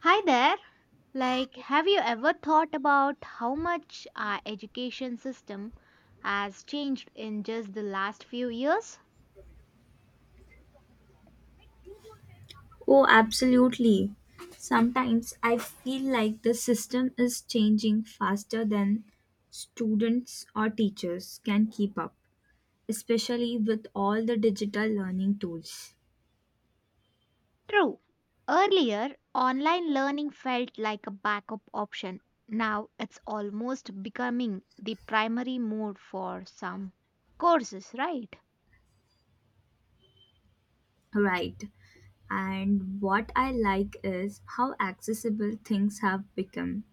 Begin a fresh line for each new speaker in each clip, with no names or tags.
Hi there. Like, have you ever thought about how much our education system has changed in just the last few years?
Oh, absolutely. Sometimes I feel like the system is changing faster than students or teachers can keep up, especially with all the digital learning tools.
True. Earlier, online learning felt like a backup option. Now it's almost becoming the primary mode for some courses, right?
Right. And what I like is how accessible things have become.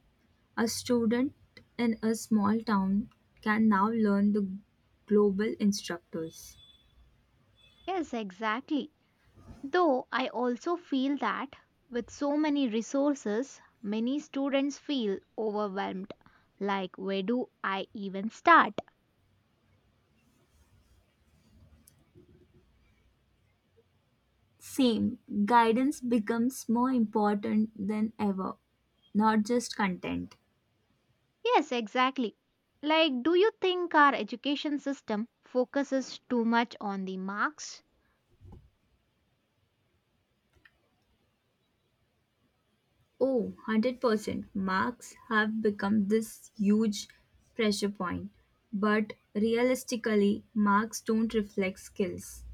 A student in a small town can now learn the global instructors.
Yes, exactly. Though I also feel that with so many resources, many students feel overwhelmed. Like, where do I even start?
Same, guidance becomes more important than ever, not just content.
Yes, exactly. Like, do you think our education system focuses too much on the marks?
Oh, 100% marks have become this huge pressure point. But realistically, marks don't reflect skills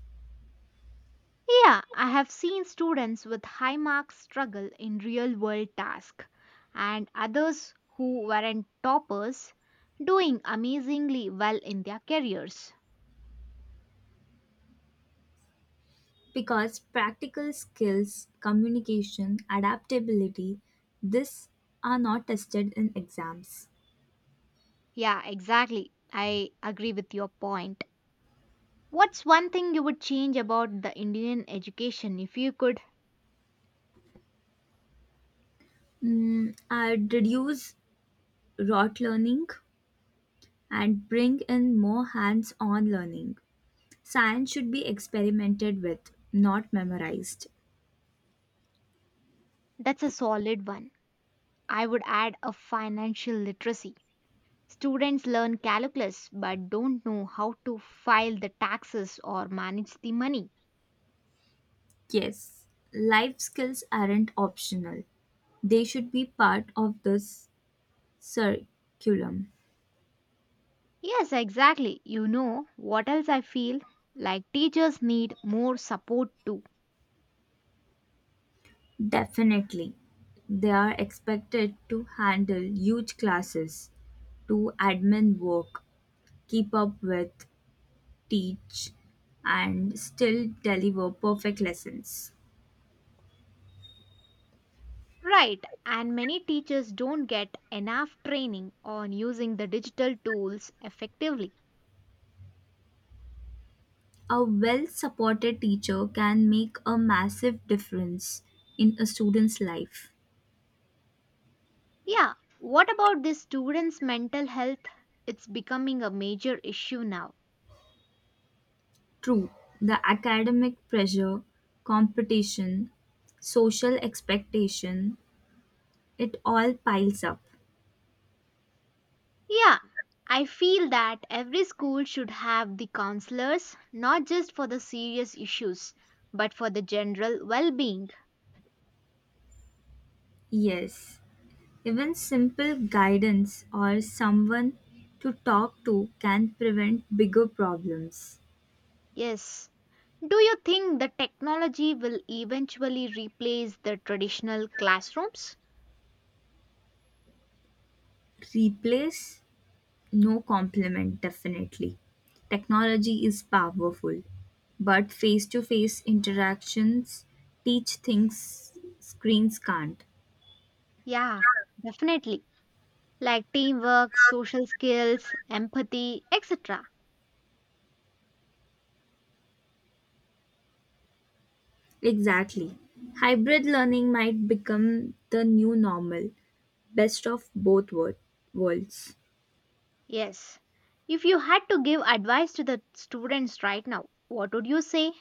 Yeah, I have seen students with high marks struggle in real world tasks, and others who weren't toppers doing amazingly well in their careers.
because practical skills, communication, adaptability, this are not tested in exams.
Yeah, exactly. I agree with your point. What's one thing you would change about the Indian education if you could?
I'd reduce rote learning and bring in more hands on learning. Science should be experimented with, not memorized.
That's a solid one. I would add a financial literacy. Students learn calculus but don't know how to file the taxes or manage the money.
Yes, life skills aren't optional, they should be part of this curriculum.
Yes, exactly. You know what else I feel? Like teachers need more support too.
Definitely. They are expected to handle huge classes, do admin work, keep up with, teach, and still deliver perfect lessons.
Right, and many teachers don't get enough training on using the digital tools effectively.
A well supported teacher can make a massive difference in a student's life.
Yeah, what about this students' mental health? It's becoming a major issue now.
True, the academic pressure, competition, social expectation, it all piles up.
Yeah, I feel that every school should have the counselors, not just for the serious issues, but for the general well being.
Yes, even simple guidance or someone to talk to can prevent bigger problems.
Yes. Do you think the technology will eventually replace the traditional classrooms?
Replace, no compliment, definitely. Technology is powerful, but face to face interactions teach things screens can't.
Yeah, definitely. Like teamwork, social skills, empathy, etc.
Exactly. Hybrid learning might become the new normal, best of both worlds.
Yes. If you had to give advice to the students right now, what would you say?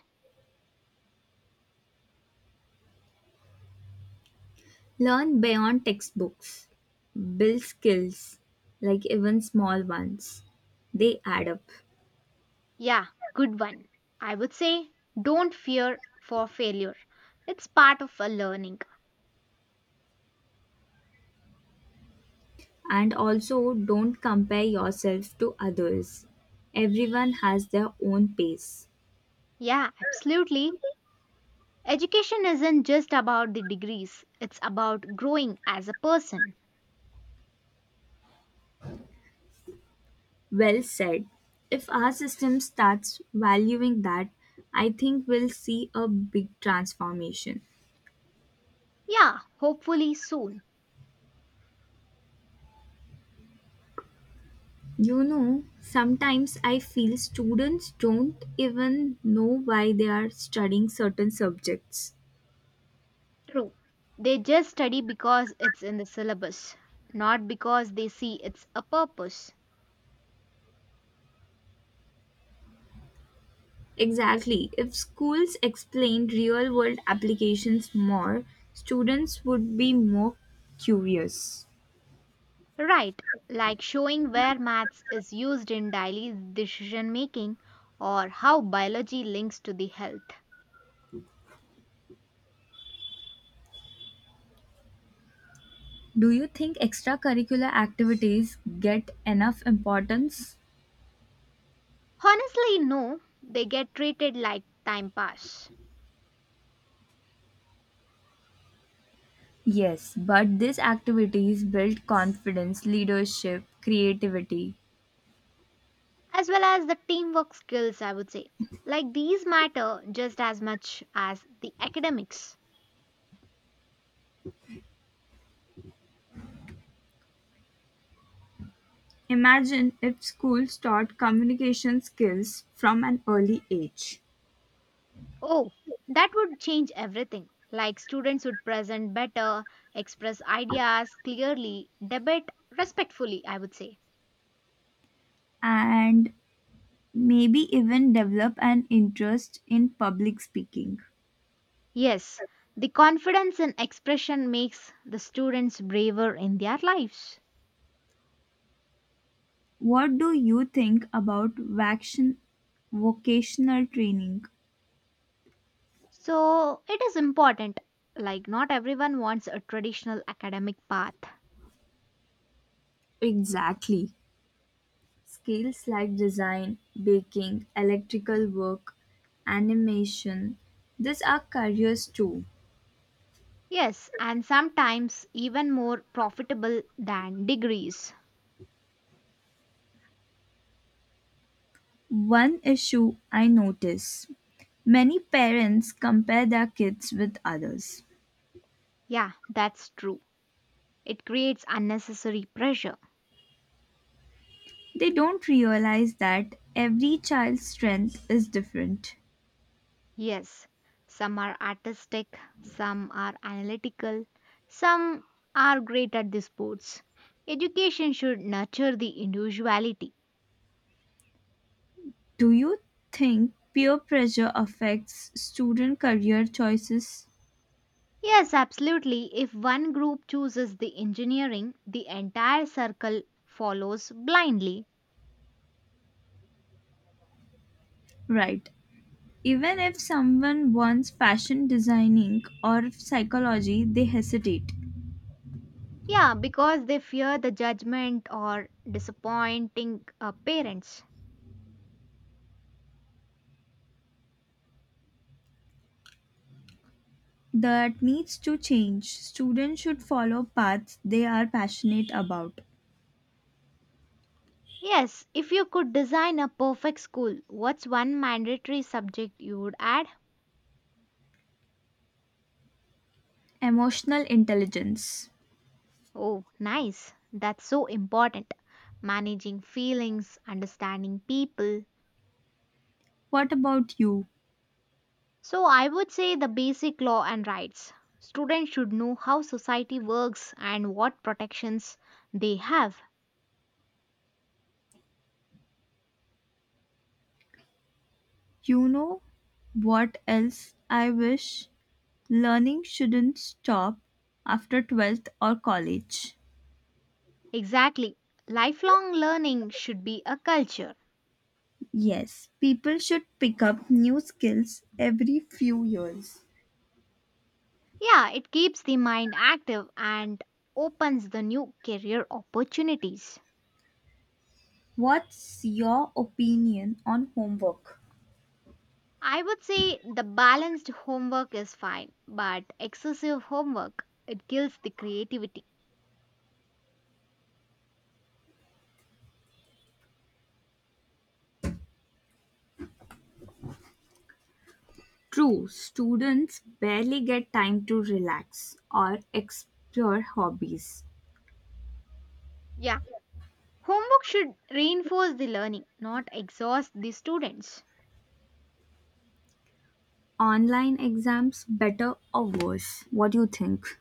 Learn beyond textbooks, build skills, like even small ones. They add up.
Yeah, good one. I would say don't fear for failure. It's part of a learning.
And also, don't compare yourself to others. Everyone has their own pace.
Yeah, absolutely. Education isn't just about the degrees, it's about growing as a person.
Well said. If our system starts valuing that, I think we'll see a big transformation.
Yeah, hopefully soon.
You know, sometimes I feel students don't even know why they are studying certain subjects.
True. They just study because it's in the syllabus, not because they see it's a purpose.
Exactly. If schools explained real world applications more, students would be more curious.
Right, like showing where maths is used in daily decision making or how biology links to the health.
Do you think extracurricular activities get enough importance?
Honestly, no, they get treated like time pass,
Yes, but these activities build confidence, leadership, creativity.
as well as the teamwork skills, I would say. Like these matter just as much as the academics.
Imagine if schools taught communication skills from an early age
Oh, that would change everything. Like students would present better, express ideas clearly, debate respectfully, I would say.
and maybe even develop an interest in public speaking.
Yes, the confidence in expression makes the students braver in their lives.
What do you think about vocational training?
So it is important. Like, not everyone wants a traditional academic path.
Exactly. Skills like design, baking, electrical work, animation, these are careers too.
Yes, and sometimes even more profitable than degrees.
One issue I notice many parents compare their kids with others.
Yeah, that's true. It creates unnecessary pressure.
They don't realize that every child's strength is different.
Yes, some are artistic, some are analytical, some are great at the sports. Education should nurture the individuality.
Do you think peer pressure affects student career choices?
Yes, absolutely. If one group chooses the engineering, the entire circle follows blindly.
Right. Even if someone wants fashion designing or psychology, they hesitate.
Yeah, because they fear the judgment or disappointing parents.
That needs to change. Students should follow paths they are passionate about.
Yes, if you could design a perfect school, what's one mandatory subject you would add?
Emotional intelligence.
Oh, nice. That's so important. Managing feelings, understanding people.
What about you?
So I would say the basic law and rights. Students should know how society works and what protections they have.
You know what else I wish? Learning shouldn't stop after 12th or college.
Exactly. Lifelong learning should be a culture.
Yes, people should pick up new skills every few years.
Yeah, it keeps the mind active and opens the new career opportunities.
What's your opinion on homework?
I would say the balanced homework is fine, but excessive homework it kills the creativity.
True, students barely get time to relax or explore hobbies.
Yeah, homework should reinforce the learning, not exhaust the students.
Online exams better or worse? What do you think?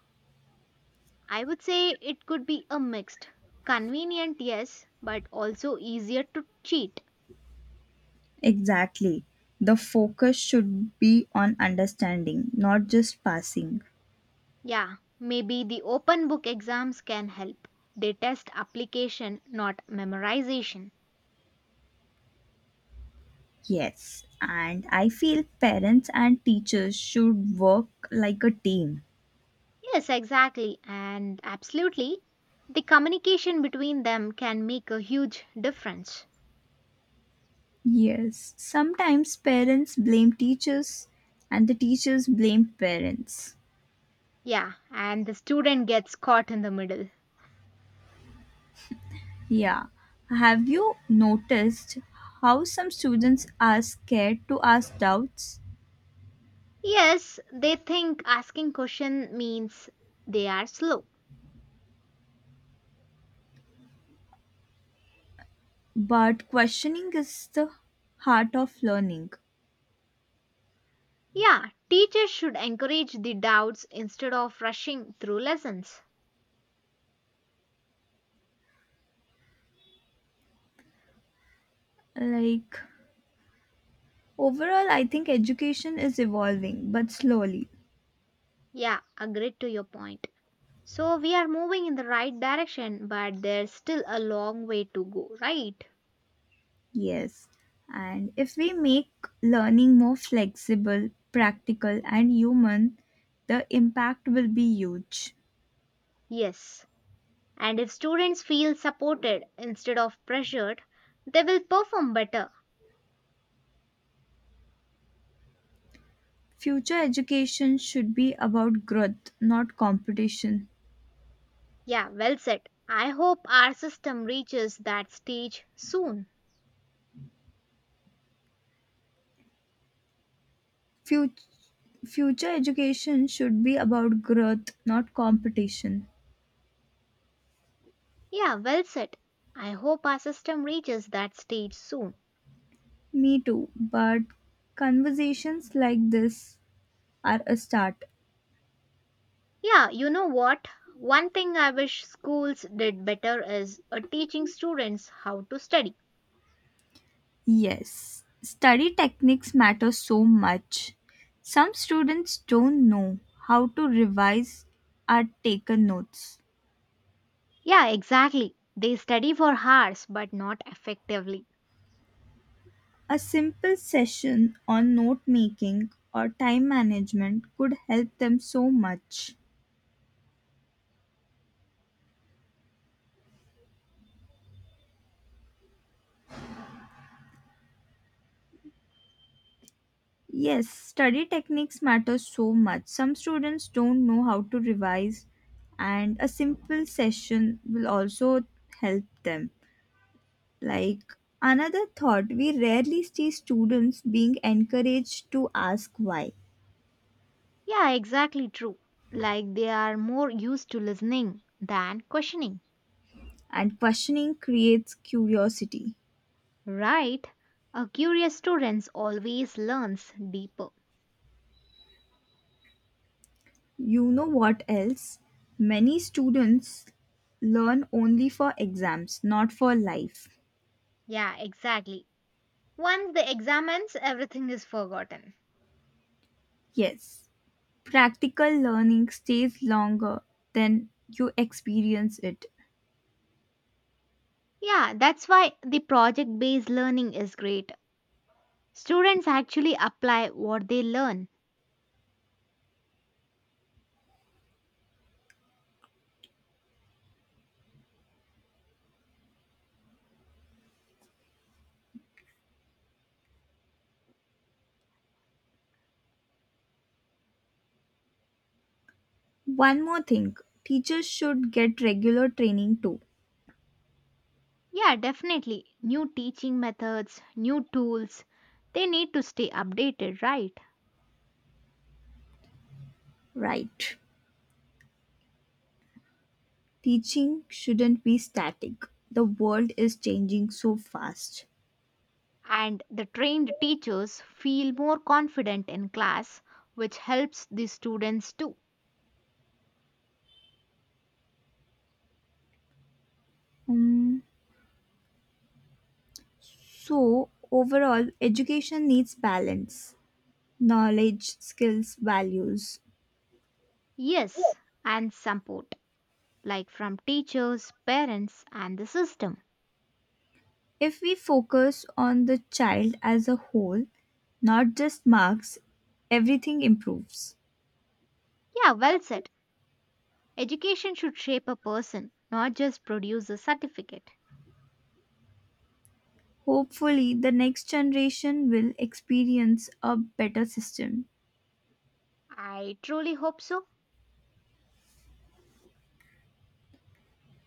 I would say it could be a mixed. Convenient, yes, but also easier to cheat.
Exactly. The focus should be on understanding, not just passing.
Yeah, maybe the open book exams can help. They test application, not memorization.
Yes. And I feel parents and teachers should work like a team.
Yes, exactly, and absolutely. The communication between them can make a huge difference.
Yes. Sometimes parents blame teachers and the teachers blame parents.
Yeah, and the student gets caught in the middle.
Yeah. Have you noticed how some students are scared to ask doubts?
Yes, they think asking question means they are slow.
But questioning is the heart of learning.
Yeah, teachers should encourage the doubts instead of rushing through lessons.
Like, overall, I think education is evolving, but slowly,
Yeah, agreed to your point. So we are moving in the right direction, but there's still a long way to go, right?
yes. And if we make learning more flexible, practical, and human, the impact will be huge.
Yes. And if students feel supported instead of pressured, they will perform better.
Future education should be about growth, not competition.
Yeah, well said. I hope our system reaches that stage soon.
Future, future education should be about growth, not competition.
Yeah, well said. I hope our system reaches that stage soon.
Me too, but conversations like this are a start.
Yeah, you know what? One thing I wish schools did better is teaching students how to study.
Yes, study techniques matter so much. Some students don't know how to revise or take notes.
Yeah, exactly. They study for hours but not effectively.
A simple session on note making or time management could help them so much. Yes, study techniques matter so much. Some students don't know how to revise, and a simple session will also help them. Like another thought, we rarely see students being encouraged to ask why,
Yeah, exactly true. Like they are more used to listening than questioning.
and questioning creates curiosity.
Right? A curious student always learns deeper.
You know what else? Many students learn only for exams, not for life.
Yeah, exactly. Once the examines, everything is forgotten.
Yes, practical learning stays longer than you experience it.
Yeah, that's why the project based learning is great. Students actually apply what they learn.
One more thing teachers should get regular training too,
Yeah, definitely. New teaching methods, new tools. They need to stay updated, right?
right? Teaching shouldn't be static. The world is changing so fast.
And the trained teachers feel more confident in class, which helps the students too.
Um, so overall, education needs balance knowledge, skills, values.
Yes, and support, like from teachers, parents, and the system.
If we focus on the child as a whole, not just marks, everything improves.
Yeah, well said. Education should shape a person, not just produce a certificate.
Hopefully, the next generation will experience a better system.
I truly hope so.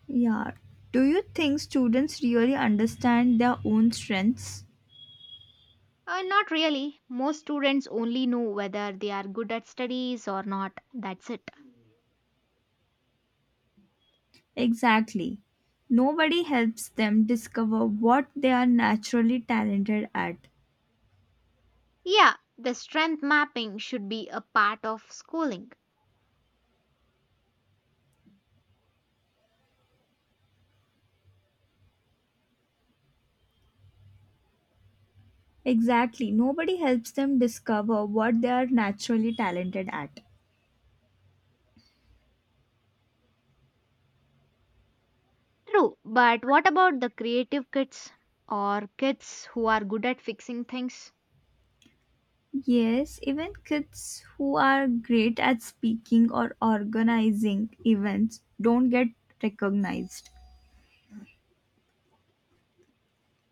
Yeah. Do you think students really understand their own strengths?
Not really. Most students only know whether they are good at studies or not. That's it.
Exactly. Nobody helps them discover what they are naturally talented at.
Yeah, the strength mapping should be a part of schooling.
Exactly. Nobody helps them discover what they are naturally talented at.
True, but what about the creative kids or kids who are good at fixing things?
Yes, even kids who are great at speaking or organizing events don't get recognized.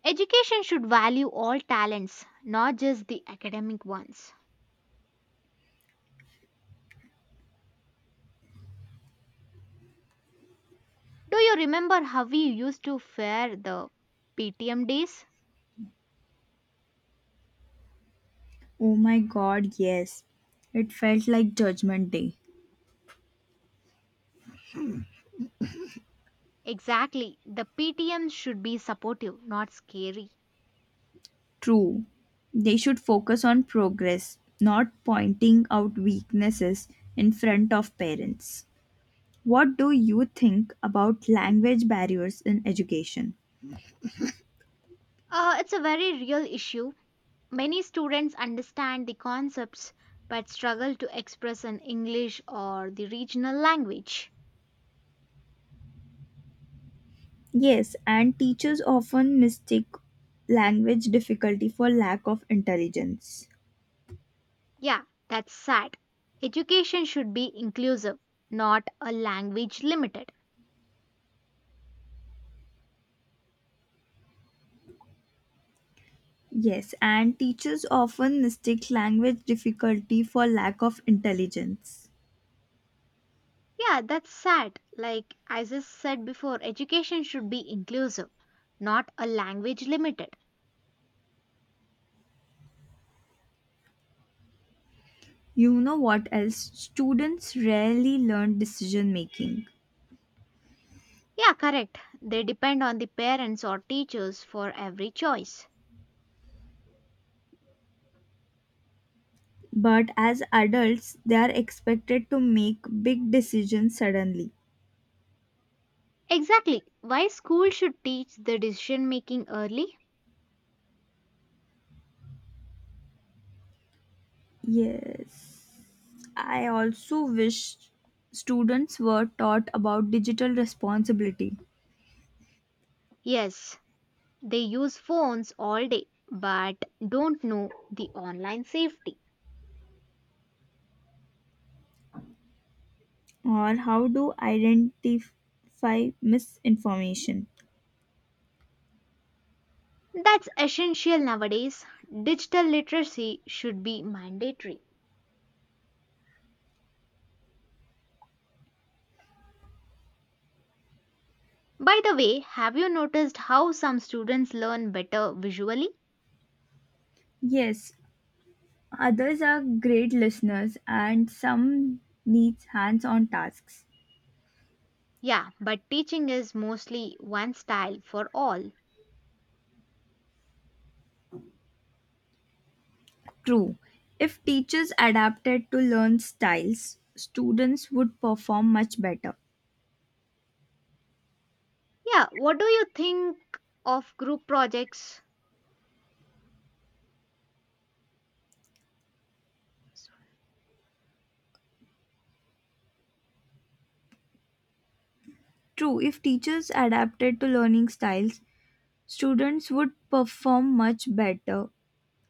Education should value all talents, not just the academic ones. Do you remember how we used to fare the PTM days?
Oh my god, yes. It felt like Judgment Day.
Exactly, the PTM should be supportive, not scary.
True, they should focus on progress, not pointing out weaknesses in front of parents. What do you think about language barriers in education?
It's a very real issue. Many students understand the concepts but struggle to express in English or the regional language.
Yes, and teachers often mistake language difficulty for lack of intelligence.
Yeah, that's sad. Education should be inclusive, not a language limited.
Yes, and teachers often mistake language difficulty for lack of intelligence.
Yeah, that's sad. Like I just said before, education should be inclusive, not a language limited.
You know what else? Students rarely learn decision making.
Yeah, correct. They depend on the parents or teachers for every choice.
But as adults, they are expected to make big decisions suddenly.
Exactly. Why school should teach the decision making early?
Yes. I also wish students were taught about digital responsibility
Yes, they use phones all day but don't know the online safety.
or how to identify misinformation.
That's essential nowadays. Digital literacy should be mandatory. By the way, have you noticed how some students learn better visually?
Yes, others are great listeners and some needs hands-on tasks.
Yeah, but teaching is mostly one style for all.
True. If teachers adapted to learn styles, students would perform much better.
Yeah, what do you think of group projects?
True, if teachers adapted to learning styles, students would perform much better.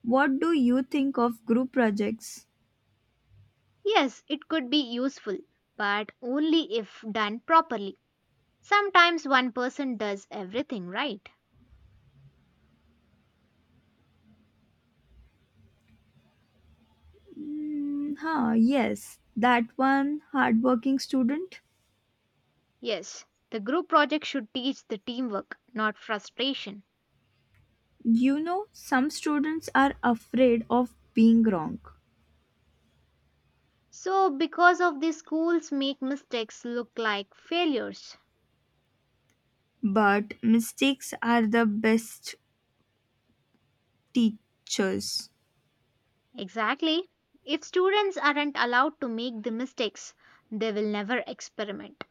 What do you think of group projects?
Yes, it could be useful, but only if done properly. Sometimes one person does everything, right?
Yes, that one hardworking student.
Yes, the group project should teach the teamwork, not frustration.
You know, some students are afraid of being wrong,
So, because of this, schools make mistakes look like failures.
but mistakes are the best teachers.
Exactly. If students aren't allowed to make the mistakes, they will never experiment.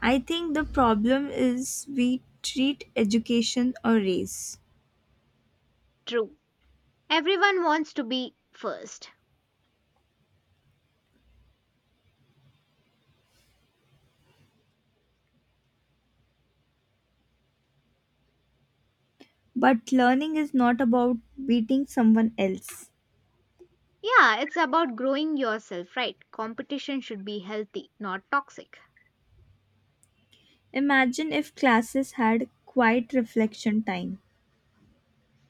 I think the problem is we treat education a race,
True. Everyone wants to be first.
but learning is not about beating someone else.
Yeah, it's about growing yourself, right? Competition should be healthy, not toxic.
Imagine if classes had quiet reflection time.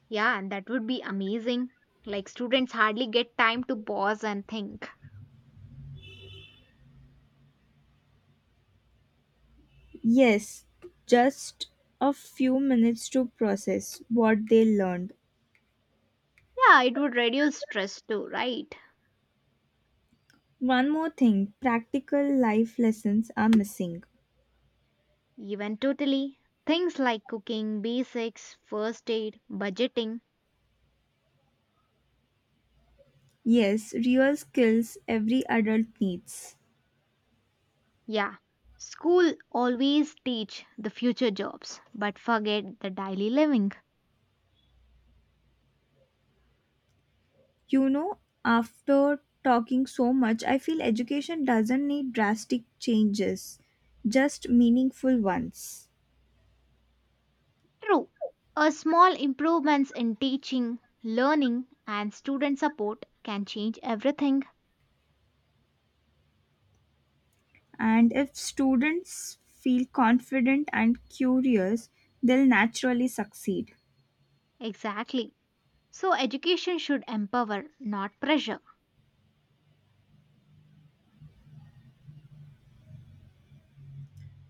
Yeah, and that would be amazing. Like, students hardly get time to pause and think.
Yes, just a few minutes to process what they learned.
Yeah, it would reduce stress too, right?
One more thing practical life lessons are missing.
Even totally. Things like cooking, basics, first aid, budgeting.
Yes, real skills every adult needs.
Yeah. School always teach the future jobs, but forget the daily living.
You know, after talking so much, I feel education doesn't need drastic changes, just meaningful ones.
True. A small improvements in teaching, learning, and student support can change everything.
And if students feel confident and curious, they'll naturally succeed.
Exactly. So education should empower, not pressure.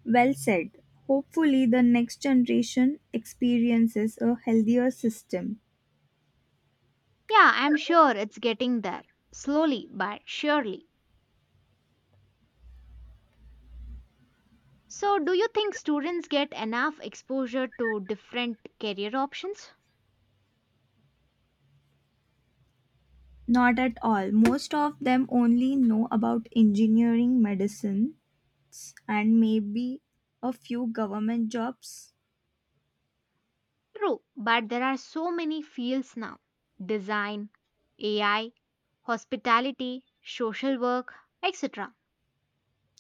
Well said. Hopefully, the next generation experiences a healthier system.
Yeah, I'm sure it's getting there. Slowly but surely. So, do you think students get enough exposure to different career options?
Not at all. Most of them only know about engineering, medicine, and maybe a few government jobs.
True, but there are so many fields now design, AI, hospitality, social work, etc.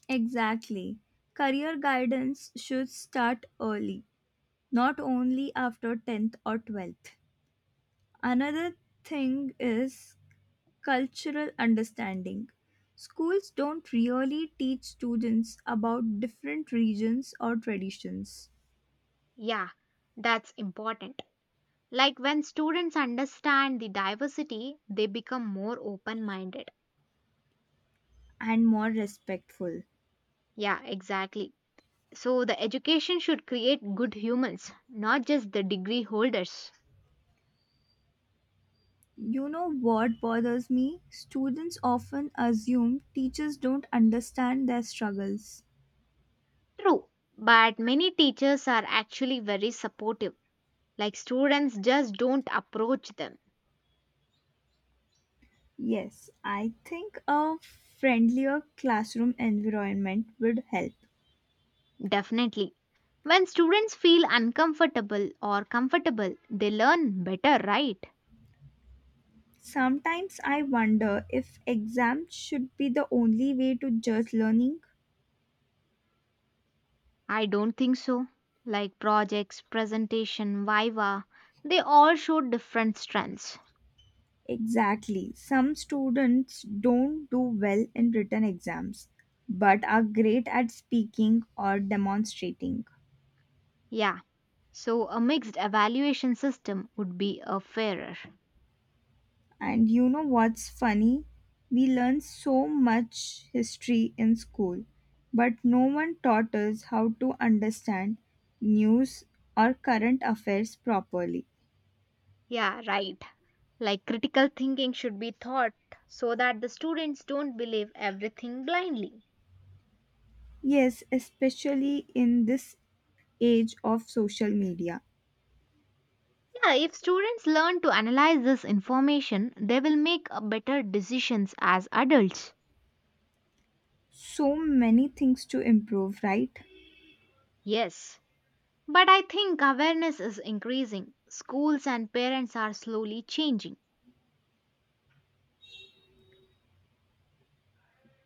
Exactly. Career guidance should start early, not only after 10th or 12th. Another thing is cultural understanding. Schools don't really teach students about different regions or traditions
Yeah, that's important. Like when students understand the diversity, they become more open minded.
and more respectful.
Yeah, exactly. So, the education should create good humans, not just the degree holders.
You know what bothers me? Students often assume teachers don't understand their struggles.
True, but many teachers are actually very supportive, like students just don't approach them.
Yes, I think a friendlier classroom environment would help.
Definitely. When students feel uncomfortable or comfortable, they learn better, right?
Sometimes I wonder if exams should be the only way to judge learning.
I don't think so. Like projects, presentation, viva, they all show different strengths.
Exactly. Some students don't do well in written exams, but are great at speaking or demonstrating.
Yeah, so a mixed evaluation system would be a fairer.
And you know what's funny? We learn so much history in school, but no one taught us how to understand news or current affairs properly.
Yeah, right. Like critical thinking should be taught so that the students don't believe everything blindly.
Yes, especially in this age of social media.
Yeah, if students learn to analyze this information, they will make a better decisions as adults.
So many things to improve, right?
Yes, but I think awareness is increasing. Schools and parents are slowly changing.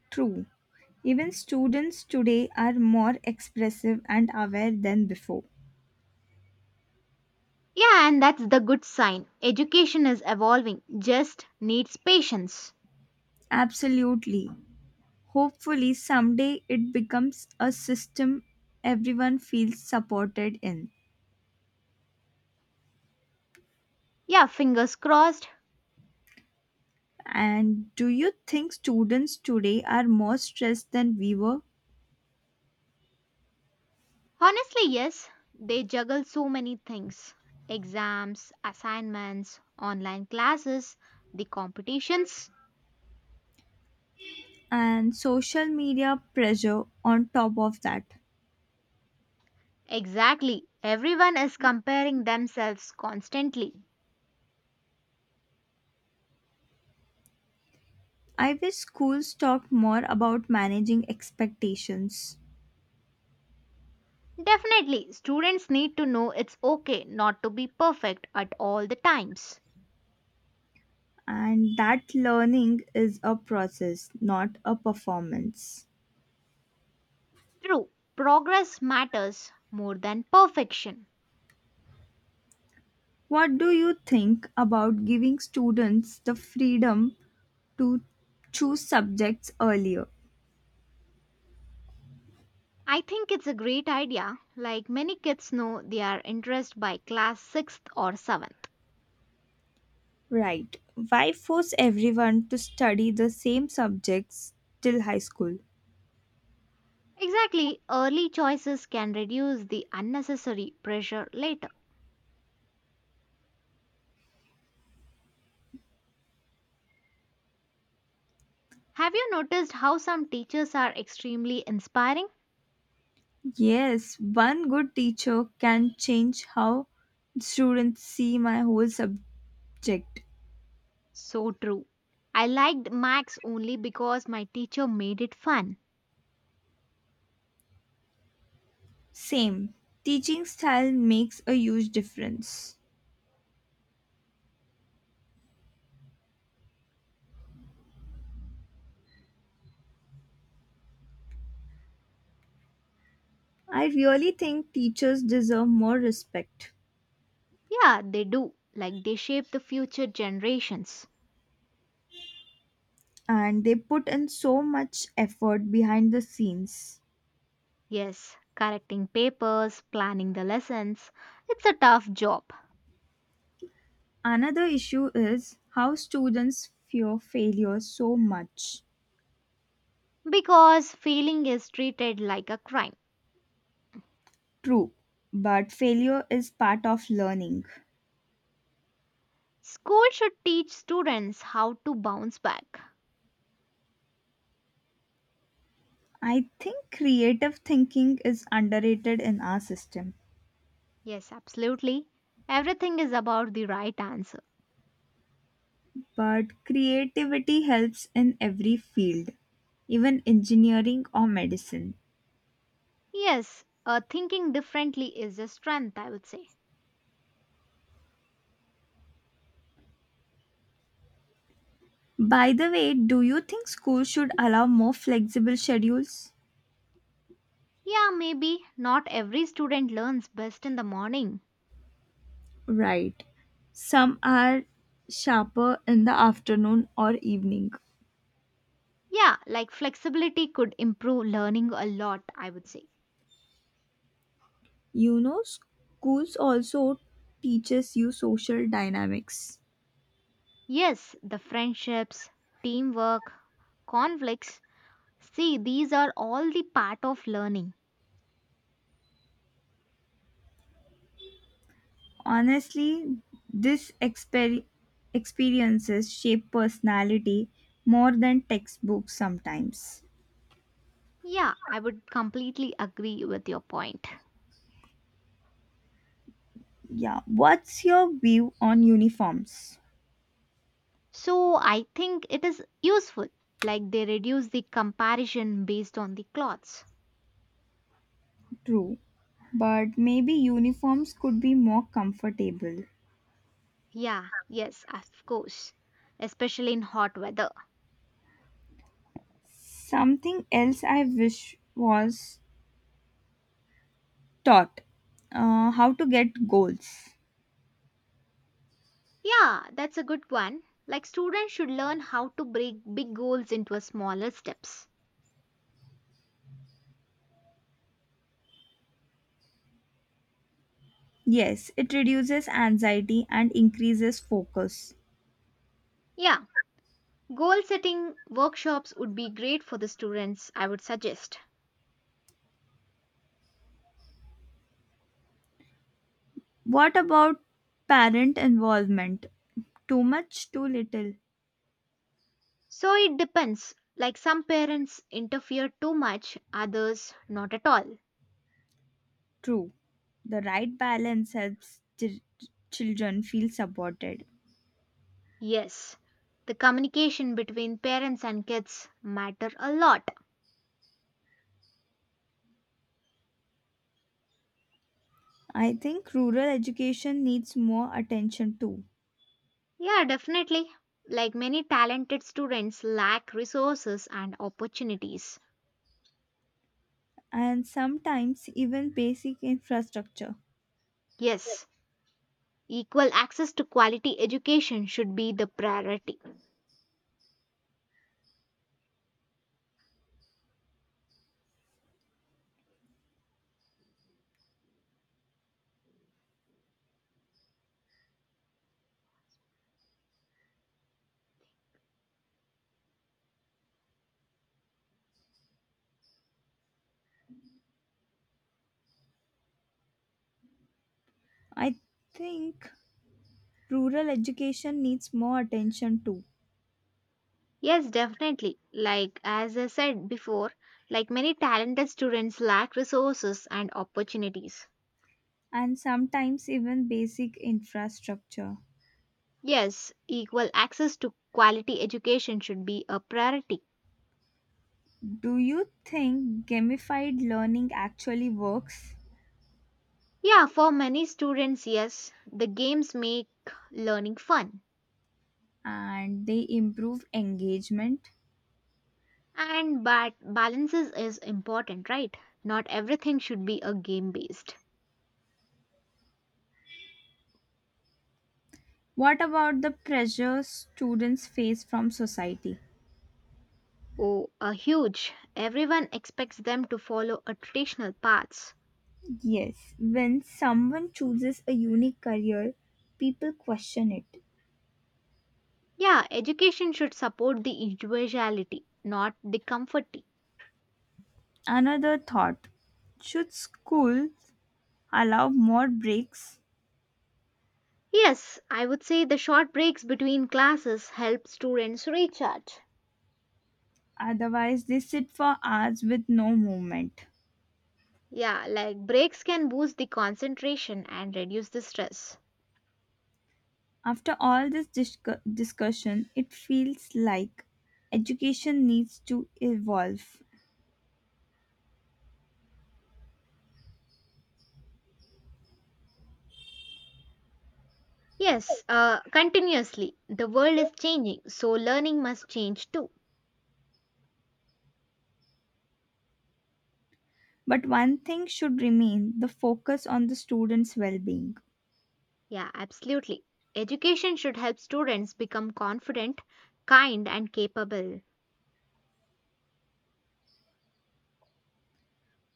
True. Even students today are more expressive and aware than before.
Yeah, and that's the good sign. Education is evolving, just needs patience.
Absolutely. Hopefully, someday it becomes a system everyone feels supported in.
Yeah, fingers crossed.
And do you think students today are more stressed than we were?
Honestly, yes, they juggle so many things exams, assignments, online classes, the competitions.
And social media pressure on top of that.
Exactly, everyone is comparing themselves constantly.
I wish schools talked more about managing expectations
Definitely, students need to know it's okay not to be perfect at all the times.
and that learning is a process, not a performance.
True, progress matters more than perfection.
What do you think about giving students the freedom to choose subjects earlier?
I think it's a great idea. Like many kids know, they are interested by class sixth or seventh.
Right. Why force everyone to study the same subjects till high school?
Exactly, early choices can reduce the unnecessary pressure later. Have you noticed how some teachers are extremely inspiring?
Yes, one good teacher can change how students see my whole subject.
So true. I liked Max only because my teacher made it fun.
Same. Teaching style makes a huge difference. I really think teachers deserve more respect.
Yeah, they do. Like they shape the future generations.
And they put in so much effort behind the scenes.
Yes, correcting papers, planning the lessons. It's a tough job
Another issue is how students fear failure so much.
because failing is treated like a crime.
True, but failure is part of learning.
School should teach students how to bounce back.
I think creative thinking is underrated in our system,
Yes, absolutely. Everything is about the right answer.
but creativity helps in every field, even engineering or medicine.
Yes, thinking differently is a strength, I would say.
By the way, do you think schools should allow more flexible schedules?
Yeah, maybe not every student learns best in the morning.
Right. Some are sharper in the afternoon or evening.
Yeah, like flexibility could improve learning a lot, I would say.
You know, schools also teaches you social dynamics.
Yes, the friendships, teamwork, conflicts. See, these are all the part of learning.
Honestly, this experiences shape personality more than textbooks sometimes.
Yeah, I would completely agree with your point.
Yeah, what's your view on uniforms?
So I think it is useful, like they reduce the comparison based on the clothes.
True, but maybe uniforms could be more comfortable.
Yeah, yes, of course, especially in hot weather.
Something else I wish was taught how to get goals.
Yeah, that's a good one. Like students should learn how to break big goals into a smaller steps.
Yes, it reduces anxiety and increases focus.
Yeah, goal setting workshops would be great for the students, I would suggest.
What about parent involvement? Too much, too little?
So it depends. Like some parents interfere too much, others not at all.
True. The right balance helps children feel supported.
Yes, the communication between parents and kids matter a lot.
I think rural education needs more attention too,
Yeah, definitely. Like many talented students lack resources and opportunities.
and sometimes even basic infrastructure.
Yes, equal access to quality education should be the priority.
I think rural education needs more attention too.
Yes, definitely. Like as I said before, like many talented students lack resources and opportunities.
And sometimes even basic infrastructure.
Yes, equal access to quality education should be a priority.
Do you think gamified learning actually works
Yeah, for many students, yes, the games make learning fun.
and they improve engagement?
And but balances is important, right? Not everything should be a game based.
What about the pressure students face from society?
Oh, a huge. Everyone expects them to follow a traditional paths.
Yes, when someone chooses a unique career, people question it.
Yeah, education should support the individuality, not the comforting.
Another thought should schools allow more breaks?
Yes, I would say the short breaks between classes help students recharge.
Otherwise, they sit for hours with no movement.
Yeah, like breaks can boost the concentration and reduce the stress.
After all this discussion, it feels like education needs to evolve.
Yes, continuously. The world is changing, so learning must change too.
But one thing should remain the focus on the students' well being.
Yeah, absolutely. Education should help students become confident, kind, and capable.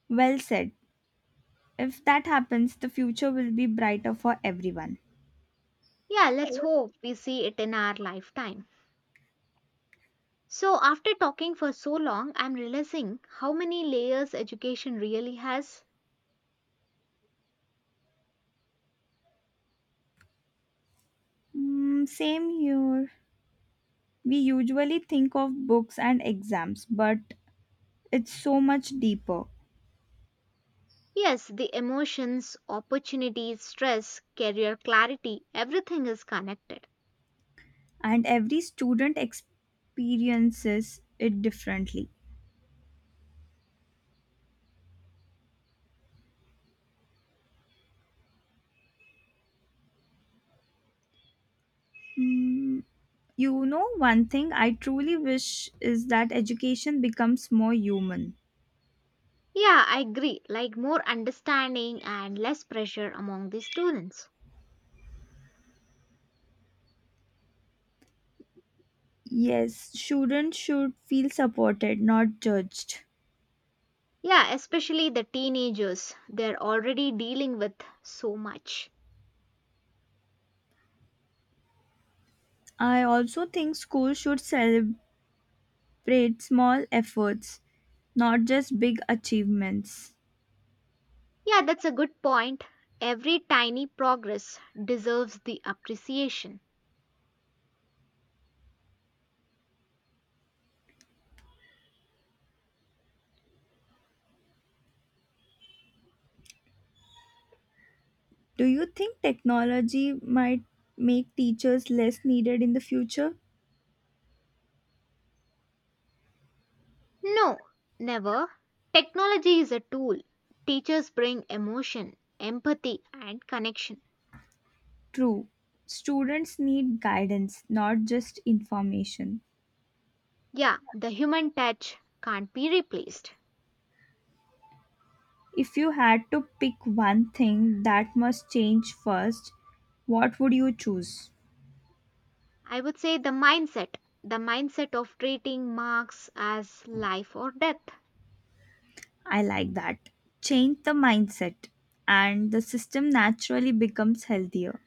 Well said. If that happens, the future will be brighter for everyone.
Yeah, let's hope we see it in our lifetime. So, after talking for so long, I'm realizing how many layers education really has.
Mm, same here. We usually think of books and exams, but it's so much deeper,
Yes, the emotions, opportunities, stress, career clarity, everything is connected.
and every student experiences it differently. Mm, you know, one thing I truly wish is that education becomes more human.
Yeah, I agree. Like more understanding and less pressure among the students.
Yes, students should feel supported, not judged.
Yeah, especially the teenagers. They're already dealing with so much.
I also think schools should celebrate small efforts, not just big achievements.
Yeah, that's a good point. Every tiny progress deserves the appreciation.
Do you think technology might make teachers less needed in the future?
No, never. Technology is a tool. Teachers bring emotion, empathy, and connection.
True. Students need guidance, not just information.
Yeah, the human touch can't be replaced.
If you had to pick one thing that must change first, what would you choose?
I would say the mindset of treating marks as life or death.
I like that. Change the mindset, and the system naturally becomes healthier.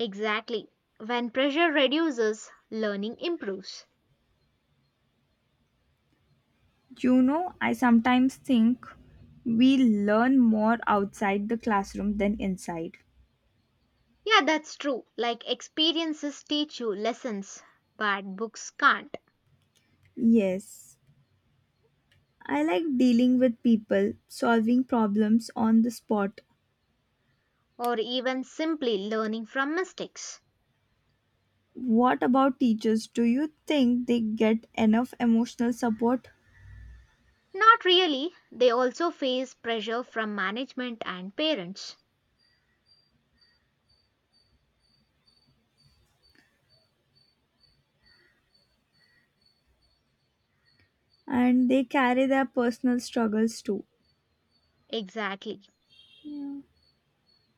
Exactly. When pressure reduces, learning improves.
You know, I sometimes think we learn more outside the classroom than inside.
Yeah, that's true. Like experiences teach you lessons, but books can't.
Yes, I like dealing with people, solving problems on the spot.
Or even simply learning from mistakes.
What about teachers? Do you think they get enough emotional support?
Not really. They also face pressure from management and parents.
And they carry their personal struggles too.
Exactly.
Yeah.